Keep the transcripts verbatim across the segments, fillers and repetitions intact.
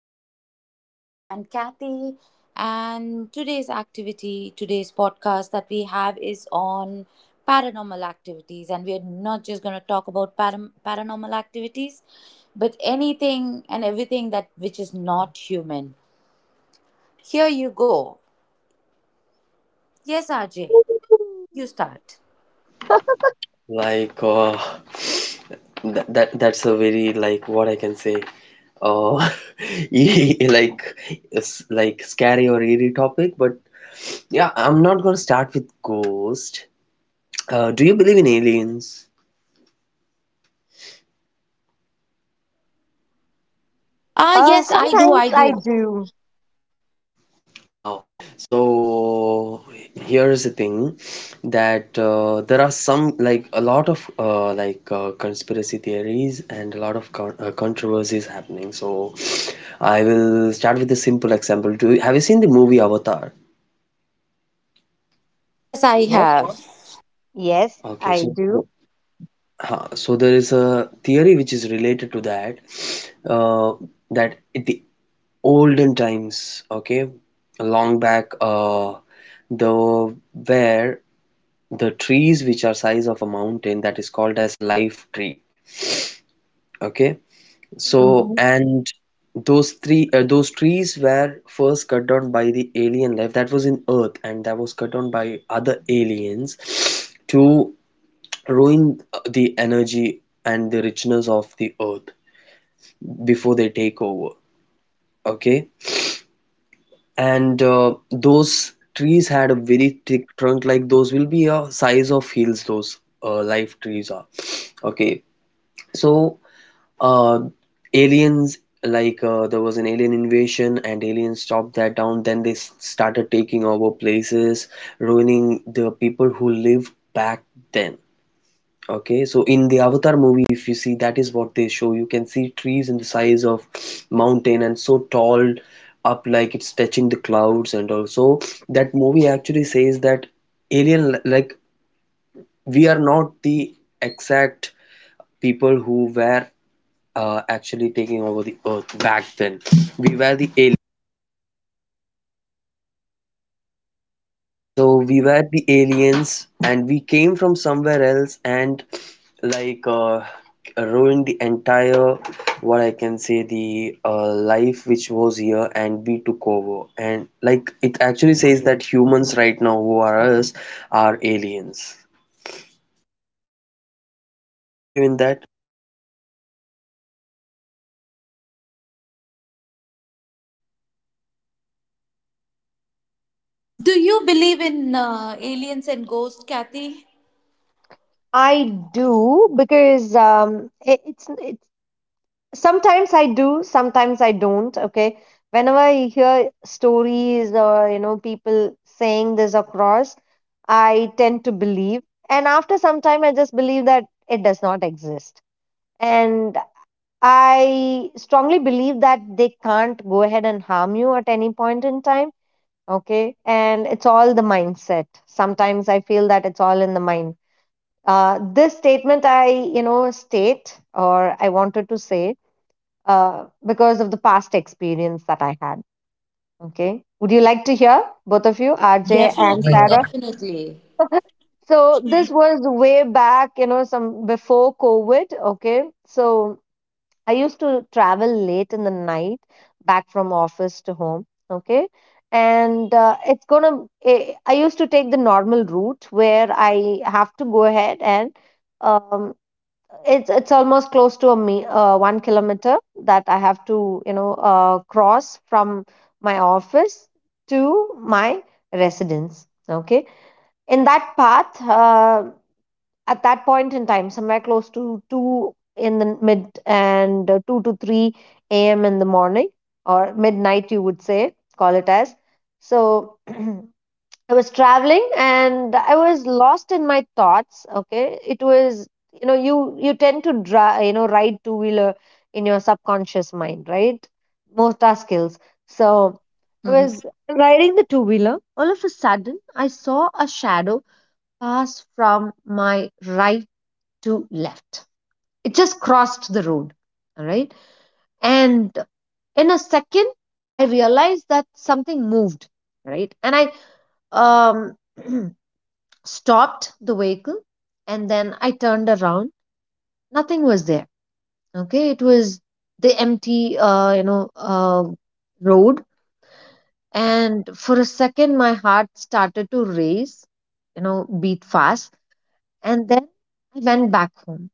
with R J and Kathy. And today's activity, today's podcast that we have is on paranormal activities. And we're not just going to talk about param- paranormal activities, but anything and everything that which is not human. Here you go. Yes, R J, you start. Like, uh, that, that that's a very, like, what I can say, uh, e- like it's like scary or eerie topic. But yeah, I'm not gonna start with ghost. Uh, do you believe in aliens? Ah, Uh, yes, I do. I Sometimes I do. do. How? So here's the thing that uh, there are some, like, a lot of uh, like uh, conspiracy theories and a lot of con uh, controversies happening. So I will start with a simple example. Do you, have you seen the movie Avatar? Yes, I Yes. have. Yes, Okay, I so do. huh, so there is a theory which is related to that, uh, that in the olden times, okay, long back, uh, the where the trees which are size of a mountain, that is called as life tree. Okay. so Hmm. and those three uh, those trees were first cut down by the alien life that was in earth, and that was cut down by other aliens to ruin the energy and the richness of the earth before they take over. Okay. And uh, those trees had a very thick trunk, like those will be a size of hills. Those uh, life trees are. Okay. So uh aliens, like uh, there was an alien invasion, and aliens stopped that down. Then they s- started taking over places, ruining the people who lived back then. Okay, so in the Avatar movie, if you see, that is what they show. You can see trees in the size of mountain, and so tall up, like it's touching the clouds. And also, that movie actually says that alien, like, we are not the exact people who were uh, actually taking over the earth back then. We were the aliens. So we were the aliens, and we came from somewhere else and, like uh, ruined the entire, what I can say, the uh, life which was here, and we took over. And, like, it actually says that humans right now, who are us, are aliens. Do you believe in that? Do you believe in uh, aliens and ghosts, Kathy? I do because um, it, it's it's sometimes I do, sometimes I don't. Okay. Whenever I hear stories or you know people saying this across, I tend to believe, and after some time, I just believe that it does not exist. And I strongly believe that they can't go ahead and harm you at any point in time. Okay. And it's all the mindset. Sometimes I feel that it's all in the mind. Uh, this statement I you know state, or I wanted to say, uh, because of the past experience that I had. Okay, would you like to hear, both of you, RJ and Definitely, Sarah? definitely. So this was way back, you know some before COVID. Okay. So I used to travel late in the night back from office to home. Okay. And uh, it's gonna, I I used to take the normal route where I have to go ahead and um, it's it's almost close to a me uh, one kilometer that I have to, you know, uh, cross from my office to my residence. Okay. In that path, uh, at that point in time, somewhere close to two in the mid, and, uh, two to three a m in the morning, or midnight, you would say, call it as. So I was traveling and I was lost in my thoughts. Okay. It was, you know, you, you tend to, dri you know, ride two wheeler in your subconscious mind, right? Most are skills. So I Hmm. was riding the two wheeler. All of a sudden, I saw a shadow pass from my right to left. It just crossed the road. All right. And in a second, I realized that something moved. Right. And I um, stopped the vehicle and then I turned around. Nothing was there. Okay. It was the empty, uh, you know, uh, road. And for a second, my heart started to race, you know, beat fast. And then I went back home.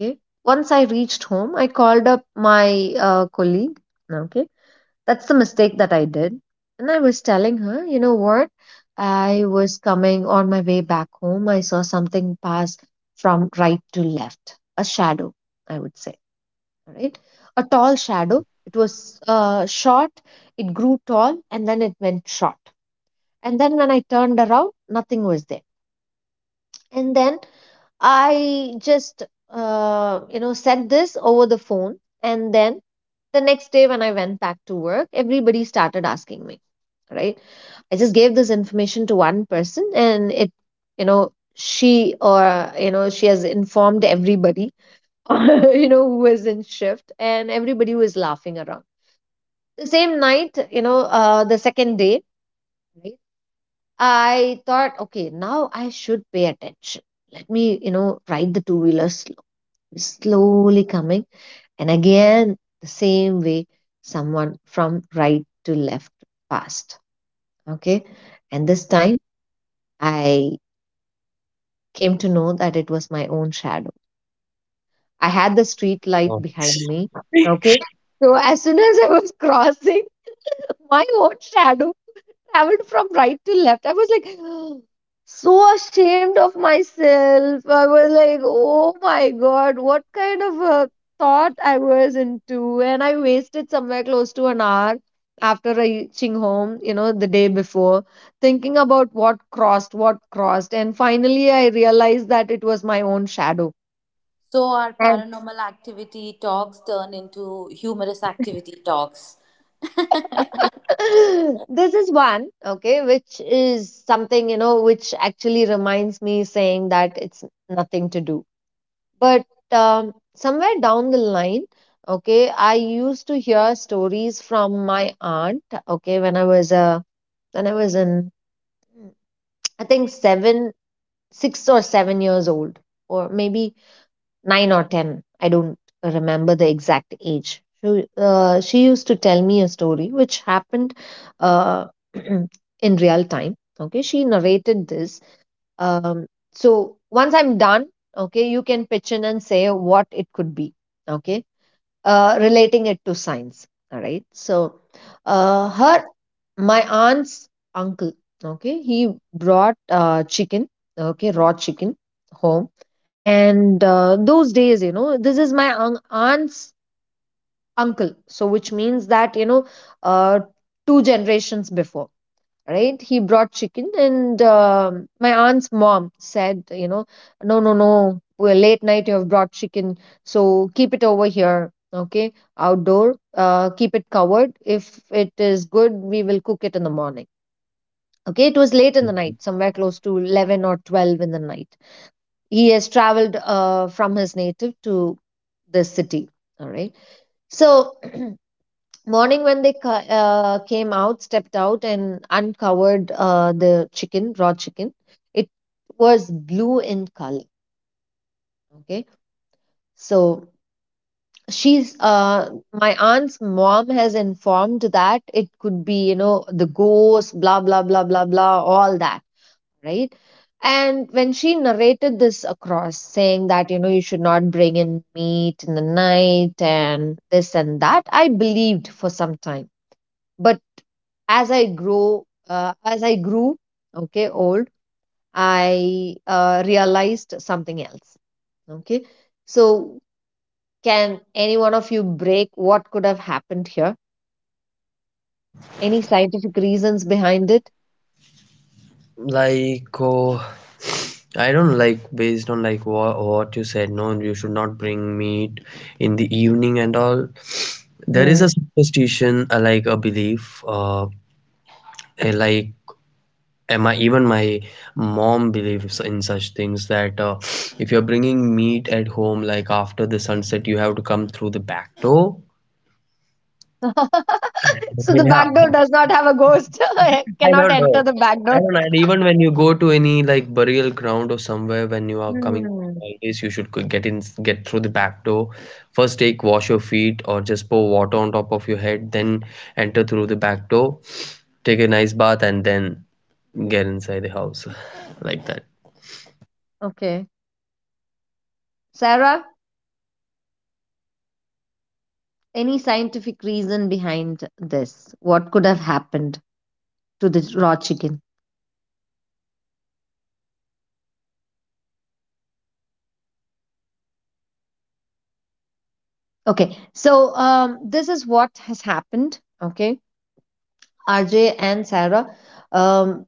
Okay. Once I reached home, I called up my uh, colleague. Okay. That's the mistake that I did. And I was telling her, you know what? I was coming on my way back home. I saw something pass from right to left, a shadow, I would say. All right. A tall shadow. It was uh, short, it grew tall, and then it went short. And then when I turned around, nothing was there. And then I just, uh, you know, said this over the phone. And then the next day, when I went back to work, everybody started asking me, right? I just gave this information to one person and it, you know, she, or, you know, she has informed everybody, you know, who was in shift, and everybody was laughing around. The same night, you know, uh, the second day, right? I thought, okay, now I should pay attention. Let me, you know, ride the two wheelers slowly coming, and again, the same way, someone from right to left passed. Okay. And this time, I came to know that it was my own shadow. I had the street light Oh. behind me. Okay. So as soon as I was crossing, my own shadow traveled from right to left. I was like so ashamed of myself. I was like, oh my god, what kind of a thought I was into. And I wasted somewhere close to an hour after reaching home, you know, the day before, thinking about what crossed, what crossed. And finally, I realized that it was my own shadow. So our And paranormal activity talks turn into humorous activity talks. this is one, okay, which is something, you know, which actually reminds me saying that it's nothing to do. But um, somewhere down the line, okay, I used to hear stories from my aunt, okay, when I was a when I was in, I think, seven, six or seven years old, or maybe nine or ten. I don't remember the exact age. She, uh, she used to tell me a story which happened uh, in real time. Okay, she narrated this, um, so once I'm done, okay, you can pitch in and say what it could be, okay, uh, relating it to science. All right. So, uh, her, my aunt's uncle, okay, he brought uh, chicken, okay, raw chicken, home. And uh, those days, you know, this is my un- aunt's uncle. So, which means that, you know, uh, two generations before, right, he brought chicken, and um, my aunt's mom said, you know no, no, no, well, late night you have brought chicken, so keep it over here. Okay, outdoor, uh, keep it covered. If it is good, we will cook it in the morning. Okay, it was late in the night, somewhere close to eleven or twelve in the night. He has traveled uh, from his native to this city. All right. So morning, when they ca- uh, came out, stepped out, and uncovered uh, the chicken, raw chicken, it was blue in color. Okay, so she's uh, my aunt's mom has informed that it could be, you know, the ghost, blah blah blah blah blah, all that, right? And when she narrated this across, saying that, you know, you should not bring in meat in the night, and this and that, I believed for some time. But as I grow, uh, as I grew, okay, old, I uh, realized something else. Okay, so can any one of you break what could have happened here? Any scientific reasons behind it? like oh, I don't, like, based on, like, what, what you said, no, you should not bring meat in the evening and all. There is a Hmm. superstition, uh, like a belief. Uh eh, like, am I even my mom believes in such things that, uh, if you're bringing meat at home, like after the sunset, you have to come through the back door. So the Yeah. back door does not have a ghost. I I cannot don't enter know. the back I door. don't know. And even when you go to any, like, burial ground or somewhere, when you are coming back, Hmm. always you should go- get in get through the back door. First take wash your feet or just pour water on top of your head, then enter through the back door, take a nice bath and then get inside the house. Like that. Okay, Sarah. Any scientific reason behind this? What could have happened to the raw chicken? Okay, so um, this is what has happened. Okay, R J and Sarah. Um,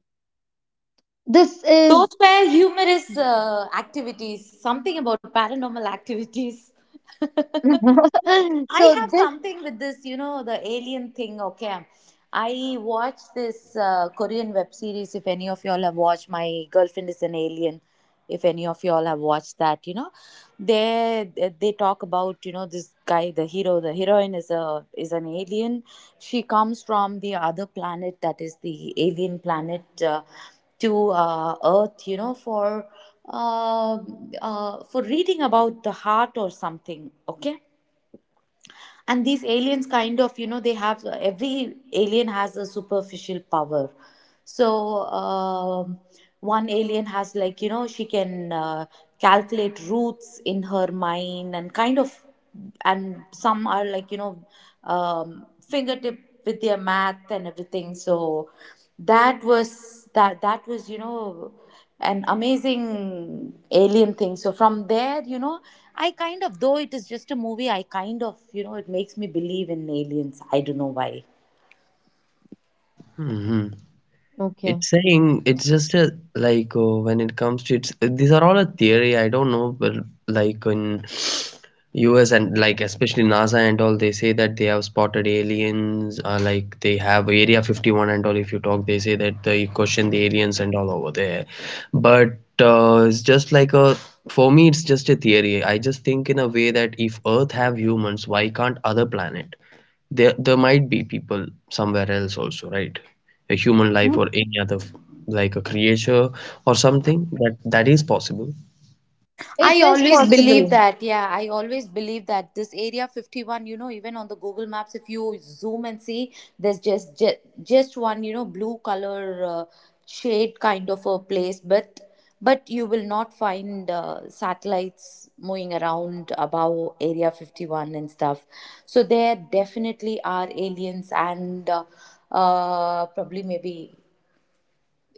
this is Those were humorous uh, activities. Something about paranormal activities. I so have this. something with this, you know, the alien thing. Okay, I watched this uh, Korean web series. If any of y'all have watched, My Girlfriend Is an Alien. If any of y'all have watched that, you know, they they talk about, you know, this guy, the hero, the heroine is a is an alien. She comes from the other planet that is the alien planet, uh, to uh, Earth, you know, for uh, uh, for reading about the heart or something. Okay, and these aliens kind of, you know, they have every alien has a superficial power. So um one alien has, like, you know, she can uh, calculate roots in her mind and kind of, and some are like, you know, um, fingertip with their math and everything. So that was that that was you know, an amazing alien thing. So from there, you know, I kind of, though it is just a movie, I kind of, you know, it makes me believe in aliens. I don't know why. Hmm. Okay, It's saying it's just a, like, uh, when it comes to it's these are all a theory. I don't know, but, like, in U S and, like, especially NASA and all, they say that they have spotted aliens. Uh, like they have Area fifty-one and all. If you talk, they say that they question the aliens and all over there. But, uh, it's just like a for me, it's just a theory. I just think in a way that if Earth have humans, why can't other planet? There, there might be people somewhere else also, right? A human life or any other, f- like a creature or something. That that is possible. it I is always believe possible. that. Yeah, I always believe that this area fifty one, you know, even on the Google Maps, if you zoom and see, there's just just, just one, you know, blue color uh, shade kind of a place, but but you will not find uh, satellites moving around above area fifty one and stuff. So there definitely are aliens, and uh, uh, probably maybe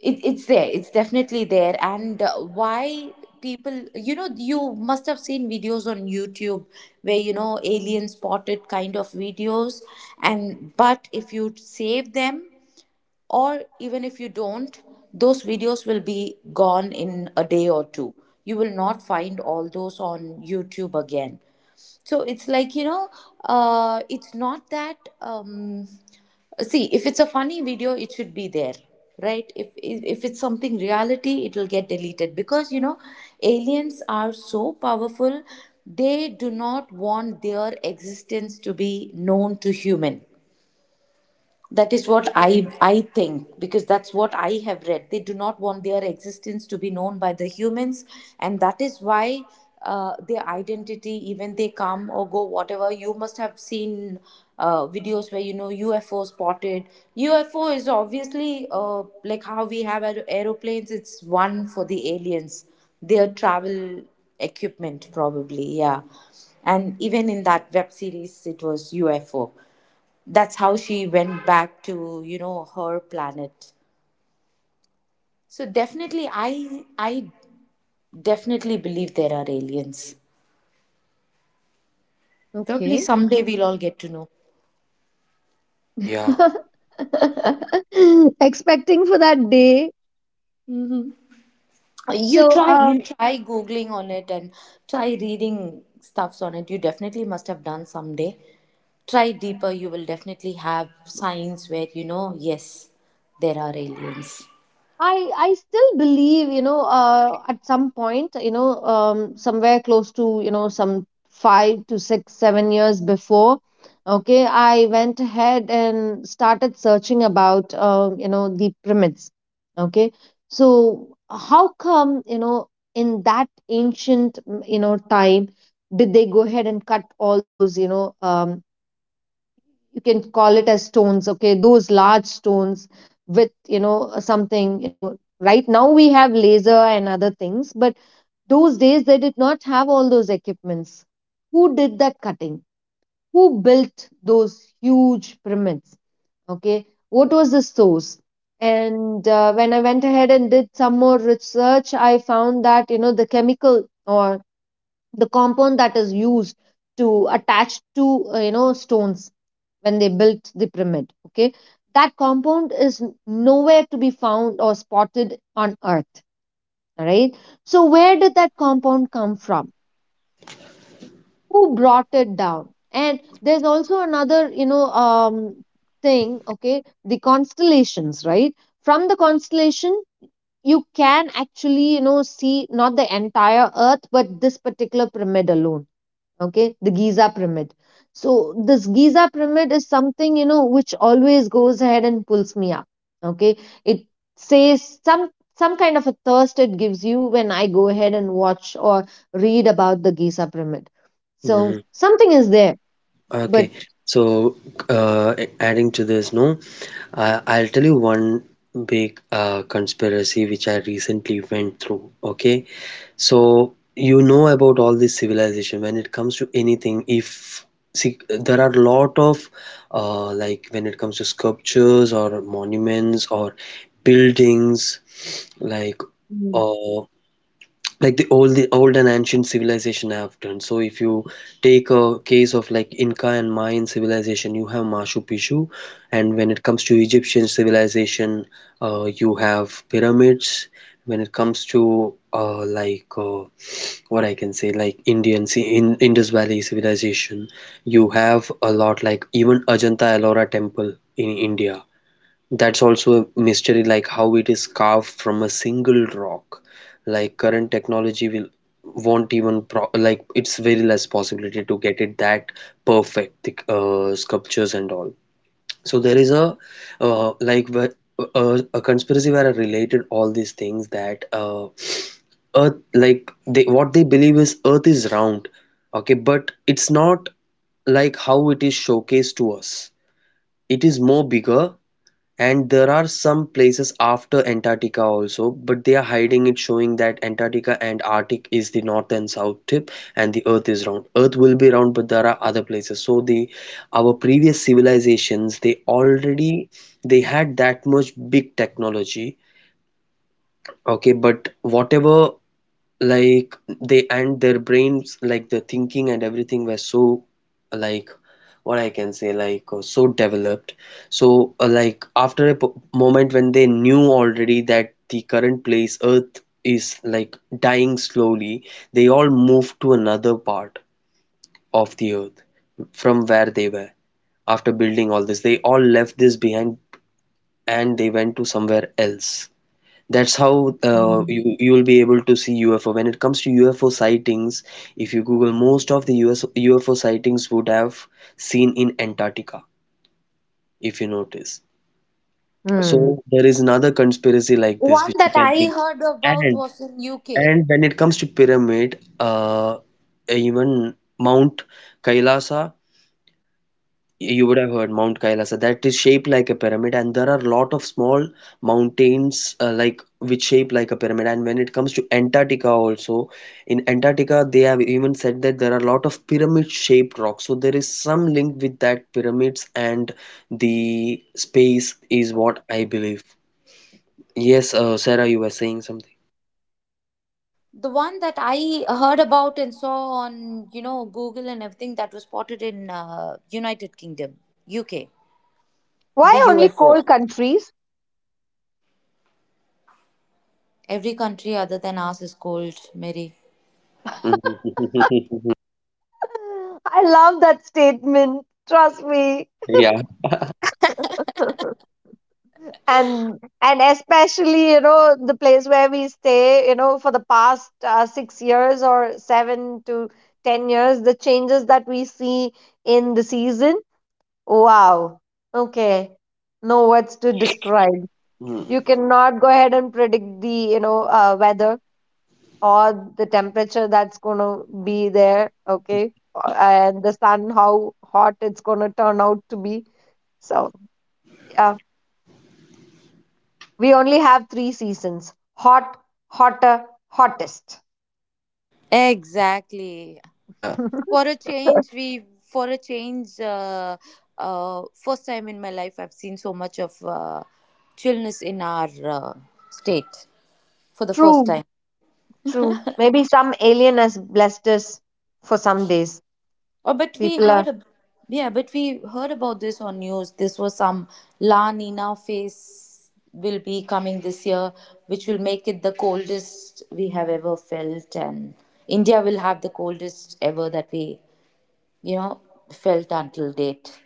it, it's there it's definitely there. And uh, why, people, you know, you must have seen videos on YouTube where, you know, alien spotted kind of videos, and but if you save them, or even if you don't, those videos will be gone in a day or two. You will not find all those on YouTube again. So it's like, you know, uh, it's not that, um, see, if it's a funny video it should be there, right? If, if if it's something reality, it will get deleted, because, you know, aliens are so powerful, they do not want their existence to be known to human. That is what i i think, because that's what I have read. They do not want their existence to be known by the humans, and that is why uh, their identity, even they come or go, whatever, you must have seen uh, videos where, you know, UFO spotted. UFO is obviously, uh, like, how we have aer- aeroplanes, it's one for the aliens, their travel equipment, probably, yeah. And even in that web series it was UFO. That's how she went back to, you know, her planet. So definitely i i definitely believe there are aliens. Probably Okay, someday we'll all get to know. Yeah. expecting for that day. you So try You um, try googling on it, and try reading stuffs on it, you definitely must have done someday. Try deeper, you will definitely have signs where, you know, yes, there are aliens. I I still believe, you know, uh, at some point, you know, um, somewhere close to, you know, some five to six, seven years before, okay, I went ahead and started searching about, uh, you know, the pyramids. Okay, so how come, you know, in that ancient, mm, you know, time, did they go ahead and cut all those, you know, um, you can call it as stones. Okay, those large stones with, you know something, you know right now we have laser and other things, but those days they did not have all those equipments. Who did that cutting? Who built those huge pyramids? Okay, what was the source? And uh, when I went ahead and did some more research, I found that, you know the chemical or the compound that is used to attach to uh, you know stones when they built the pyramid. Okay, that compound is nowhere to be found or spotted on Earth. All right, so where did that compound come from? Who brought it down? And there's also another, you know, um, thing. Okay, the constellations, right? From the constellation, you can actually, you know, see not the entire Earth, but this particular pyramid alone. Okay, the Giza pyramid. So this Giza pyramid is something, you know which always goes ahead and pulls me up. Okay, it says some some kind of a thirst it gives you when I go ahead and watch or read about the Giza pyramid. Hmm. So something is there. But. Okay. So, uh, a- adding to this, no, I I'll tell you one big uh, conspiracy which I recently went through. Okay. So you know about all this civilization when it comes to anything. If See, there are a lot of uh, like, when it comes to sculptures or monuments or buildings, like, Mm. uh, like the old the old and ancient civilization have done. So if you take a case of, like, Inca and Mayan civilization, you have Machu Picchu. And when it comes to Egyptian civilization, uh, you have pyramids. When it comes to uh, like uh, what I can say, like, Indian ci- in Indus Valley civilization. You have a lot, like even Ajanta Ellora temple in India. That's also a mystery, like how it is carved from a single rock. Like, current technology will won't even, pro like, it's very less possibility to get it that perfect, the uh, sculptures and all. So there is a uh, like, wh- a, a conspiracy where I related all these things, that uh, earth, like, they what they believe is earth is round. Okay, but it's not like how it is showcased to us. It is more bigger, and there are some places after Antarctica also, but they are hiding it, showing that Antarctica and Arctic is the north and south tip. And the earth is round, earth will be round, but there are other places. So, the our previous civilizations, they already they had that much big technology. Okay, but whatever. Like, they and their brains, like, the thinking and everything were so, like, what I can say, like, uh, so developed. So, uh, like, after a po- moment, when they knew already that the current place earth is like dying slowly, they all moved to another part of the earth from where they were. After building all this, they all left this behind, and they went to somewhere else. That's how, uh, Mm. you you'll be able to see U F O. When it comes to U F O sightings, if you Google, most of the U S U F O sightings would have seen in Antarctica, if you notice. Hmm. So there is another conspiracy like this, One which you that can I think. heard about And was in UK. and when it comes to pyramid, uh, even Mount Kailasa. You would have heard Mount Kailasa. That is shaped like a pyramid, and there are a lot of small mountains, uh, like, which shape like a pyramid. And when it comes to Antarctica, also in Antarctica, they have even said that there are a lot of pyramid-shaped rocks. So there is some link with that pyramids and the space is what I believe. Yes, uh, Sarah, you were saying something. The one that I heard about and saw on, you know, Google and everything that was spotted in uh, United Kingdom, U K, the Why only U F O. coal countries? Every country other than ours is cold, Mary. I love that statement. Trust me. Yeah. and and especially, you know the place where we stay, you know for the past uh, six years or seven to ten years, the changes that we see in the season. Wow. Okay. No words to describe. Mm, You cannot go ahead and predict the, you know uh, weather, or the temperature that's going to be there. Okay. Uh, and the sun, how hot it's going to turn out to be. So yeah, we only have three seasons. Hot, hotter, hottest. Exactly. yeah. For a change, we for a change, uh, uh, first time in my life I've seen so much of uh, chillness in our uh, state for the first True, time. true. Maybe some alien has blessed us for some days. Oh, but we People heard, are. ab- yeah, but we heard about this on news. This was some La Nina phase will be coming this year, which will make it the coldest we have ever felt, and India will have the coldest ever that we, you know, felt until date.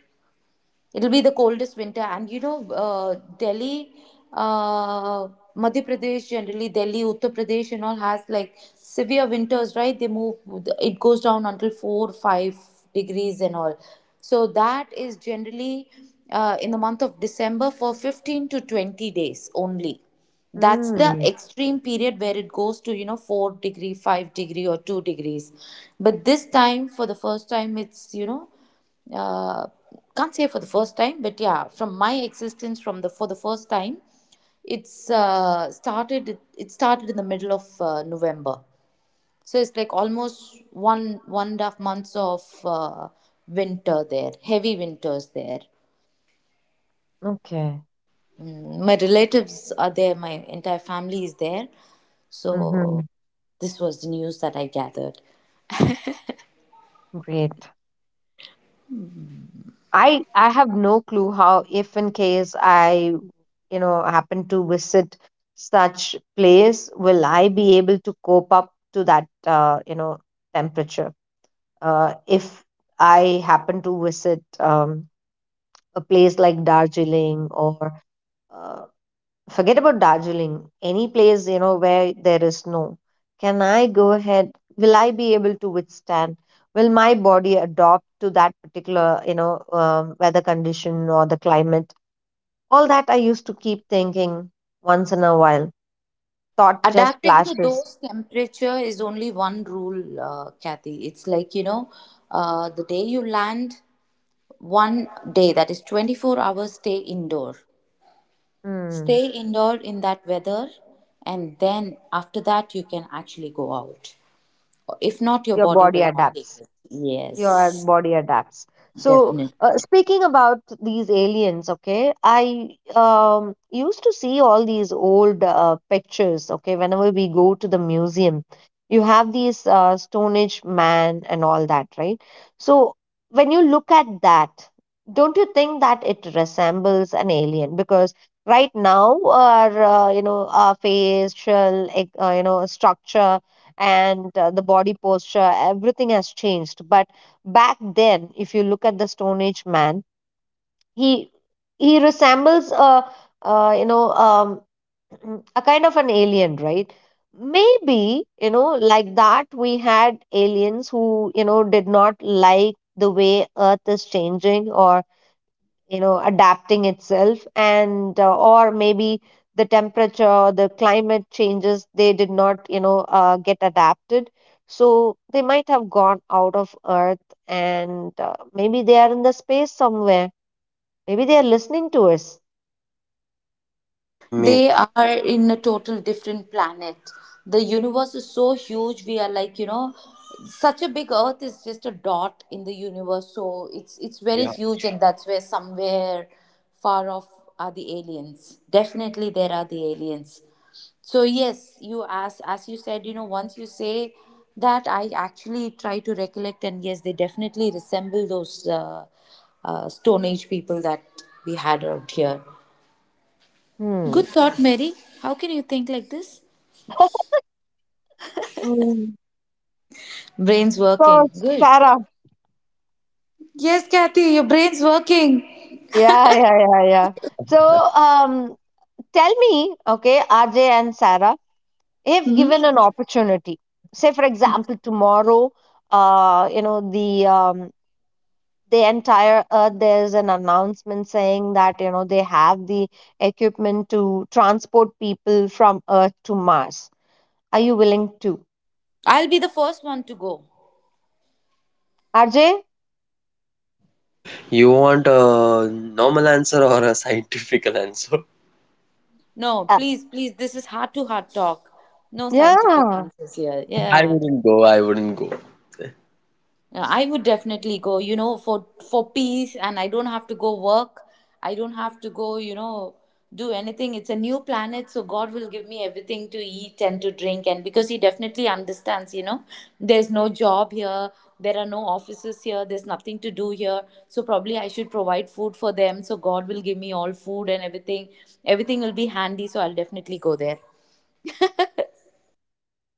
It'll be the coldest winter, and, you know, uh, Delhi, uh, Madhya Pradesh, generally Delhi, Uttar Pradesh, and all has like severe winters, right? They move, it goes down until four, five degrees, and all. So that is generally uh, in the month of December for fifteen to twenty days only. That's Mm, the Mm. extreme period where it goes to, you know, four degree, five degree or two degrees. But this time, for the first time, it's, you know, uh, can't say for the first time, but yeah, from my existence, from the for the first time, it's uh, started. It, it started in the middle of uh, November, so it's like almost one one and a half months of uh, winter there, heavy winters there. Okay. Mm. My relatives are there. My entire family is there. Hmm. So this was the news that I gathered. Great. I I have no clue how, if in case I, you know happen to visit such place, will I be able to cope up to that uh, you know temperature? Uh, if I happen to visit, um, a place like Darjeeling or, uh, forget about Darjeeling, any place, you know, where there is snow. Can I go ahead? Will I be able to withstand? Will my body adopt to that particular, you know, um, weather condition or the climate? All that I used to keep thinking once in a while. Thought just Adapting to flashes. those temperature is only one rule, uh, Kathy. It's like, you know, uh, the day you land, one day, that is twenty four hours, stay indoor. Hmm. Stay indoor in that weather, and then after that, you can actually go out. If not, your Your body body will not take adapts. it. Your Yes, body adapts. So definitely. uh, speaking about these aliens, okay, I um, used to see all these old uh, pictures. Okay, whenever we go to the museum, you have these uh, stone age man and all that, right? So when you look at that, don't you think that it resembles an alien? Because right now our uh, you know our facial ec- uh, you know structure and uh, the body posture, everything has changed. But back then, if you look at the stone age man, he he resembles a, uh you know um, a kind of an alien, right? Maybe, you know like that we had aliens who, you know did not like the way Earth is changing, or, you know adapting itself. And uh, or maybe the temperature, the climate changes, they did not, you know uh, get adapted. So they might have gone out of Earth, and uh, maybe they are in the space somewhere. Maybe they are listening to us. maybe. They are in a total different planet. The universe is so huge, we are like, you know, such a big, earth is just a dot in the universe. So it's it's very huge, and that's where, somewhere far off, are the aliens. Definitely there are the aliens. So yes, you, as as you said, you know, once you say that, I actually try to recollect, and yes, they definitely resemble those uh, uh, stone age people that we had out here. Hmm. Good thought, Mary. How can you think like this? Mm. Brain's So, working. Good. Sarah, Yes, Kathy, your brain's working. yeah, yeah, yeah, yeah. So um tell me, okay, RJ and Sarah, if given an opportunity, say, for example, tomorrow, uh you know the um the entire Earth, there's an announcement saying that, you know they have the equipment to transport people from Earth to Mars, are you willing to? I'll be the first one to go. RJ? You want a normal answer or a scientific answer? No, uh, please, please, this is heart to heart talk. No scientific yeah, answers here. I Yeah. wouldn't go. I wouldn't go. Yeah, I would definitely go, you know, for for peace, and I don't have to go work. I don't have to go, you know, do anything. It's a new planet, so God will give me everything to eat and to drink, and because he definitely understands, you know, there's no job here, there are no offices here, there's nothing to do here. So probably I should provide food for them, so God will give me all food and everything. Everything will be handy, so I'll definitely go there.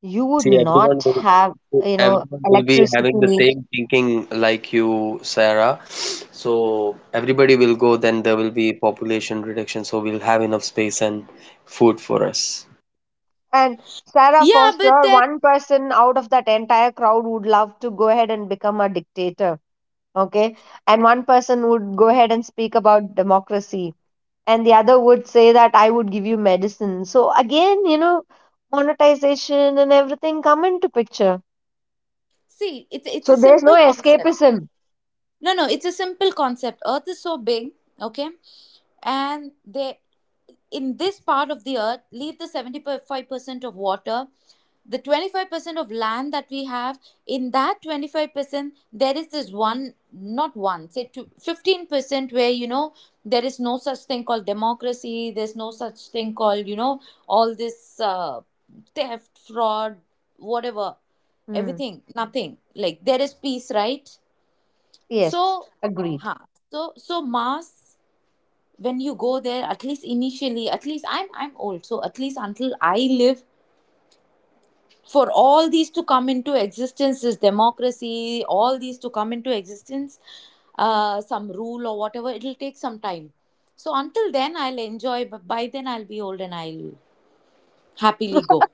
you would See, everyone not have, will, you know everyone will be having the electricity. same thinking like you, Sarah. So everybody will go, then there will be population reduction, so we'll have enough space and food for us. And, Sarah, Yeah, for but sure, that, one person out of that entire crowd would love to go ahead and become a dictator. Okay. And one person would go ahead and speak about democracy, and the other would say that, I would give you medicine. So again, you know monetization and everything come into picture. see, it's it's So a there's no simple concept. escapism. No, no, it's a simple concept. Earth is so big, okay? And they, in this part of the earth, leave the seventy five percent of water, the twenty five percent of land that we have. In that twenty five percent there is this one, not one, say two, fifteen percent where, you know, there is no such thing called democracy, there's no such thing called, you know, all this, uh, theft, fraud, whatever, Hmm. everything, nothing, like, there is peace, right? Yes. So, Agreed. huh. So, so mass. When you go there, at least initially, at least I'm I'm old, so at least until I live, for all these to come into existence, this democracy, all these to come into existence, uh, some rule or whatever, it'll take some time. So until then, I'll enjoy. But by then, I'll be old and I'll happily go.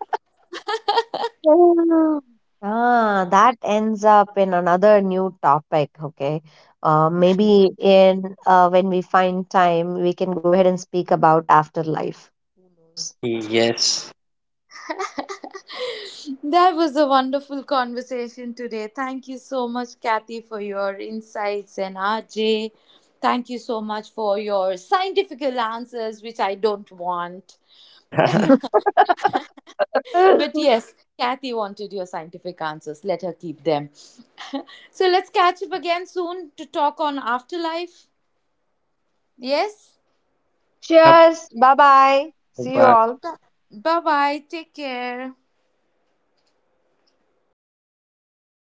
Ah, ah, that ends up in another new topic. Okay. Uh, maybe, in uh, when we find time, we can go ahead and speak about afterlife. Who knows? Yes. That was a wonderful conversation today. Thank you so much, Kathy, for your insights, and R J, thank you so much for your scientific answers, which I don't want. But Ugh. yes, Kathy wanted your scientific answers. Let her keep them. So let's catch up again soon to talk on afterlife. Yes? Yep. Cheers. Bye bye. See you Bye. all. Bye bye. Take care.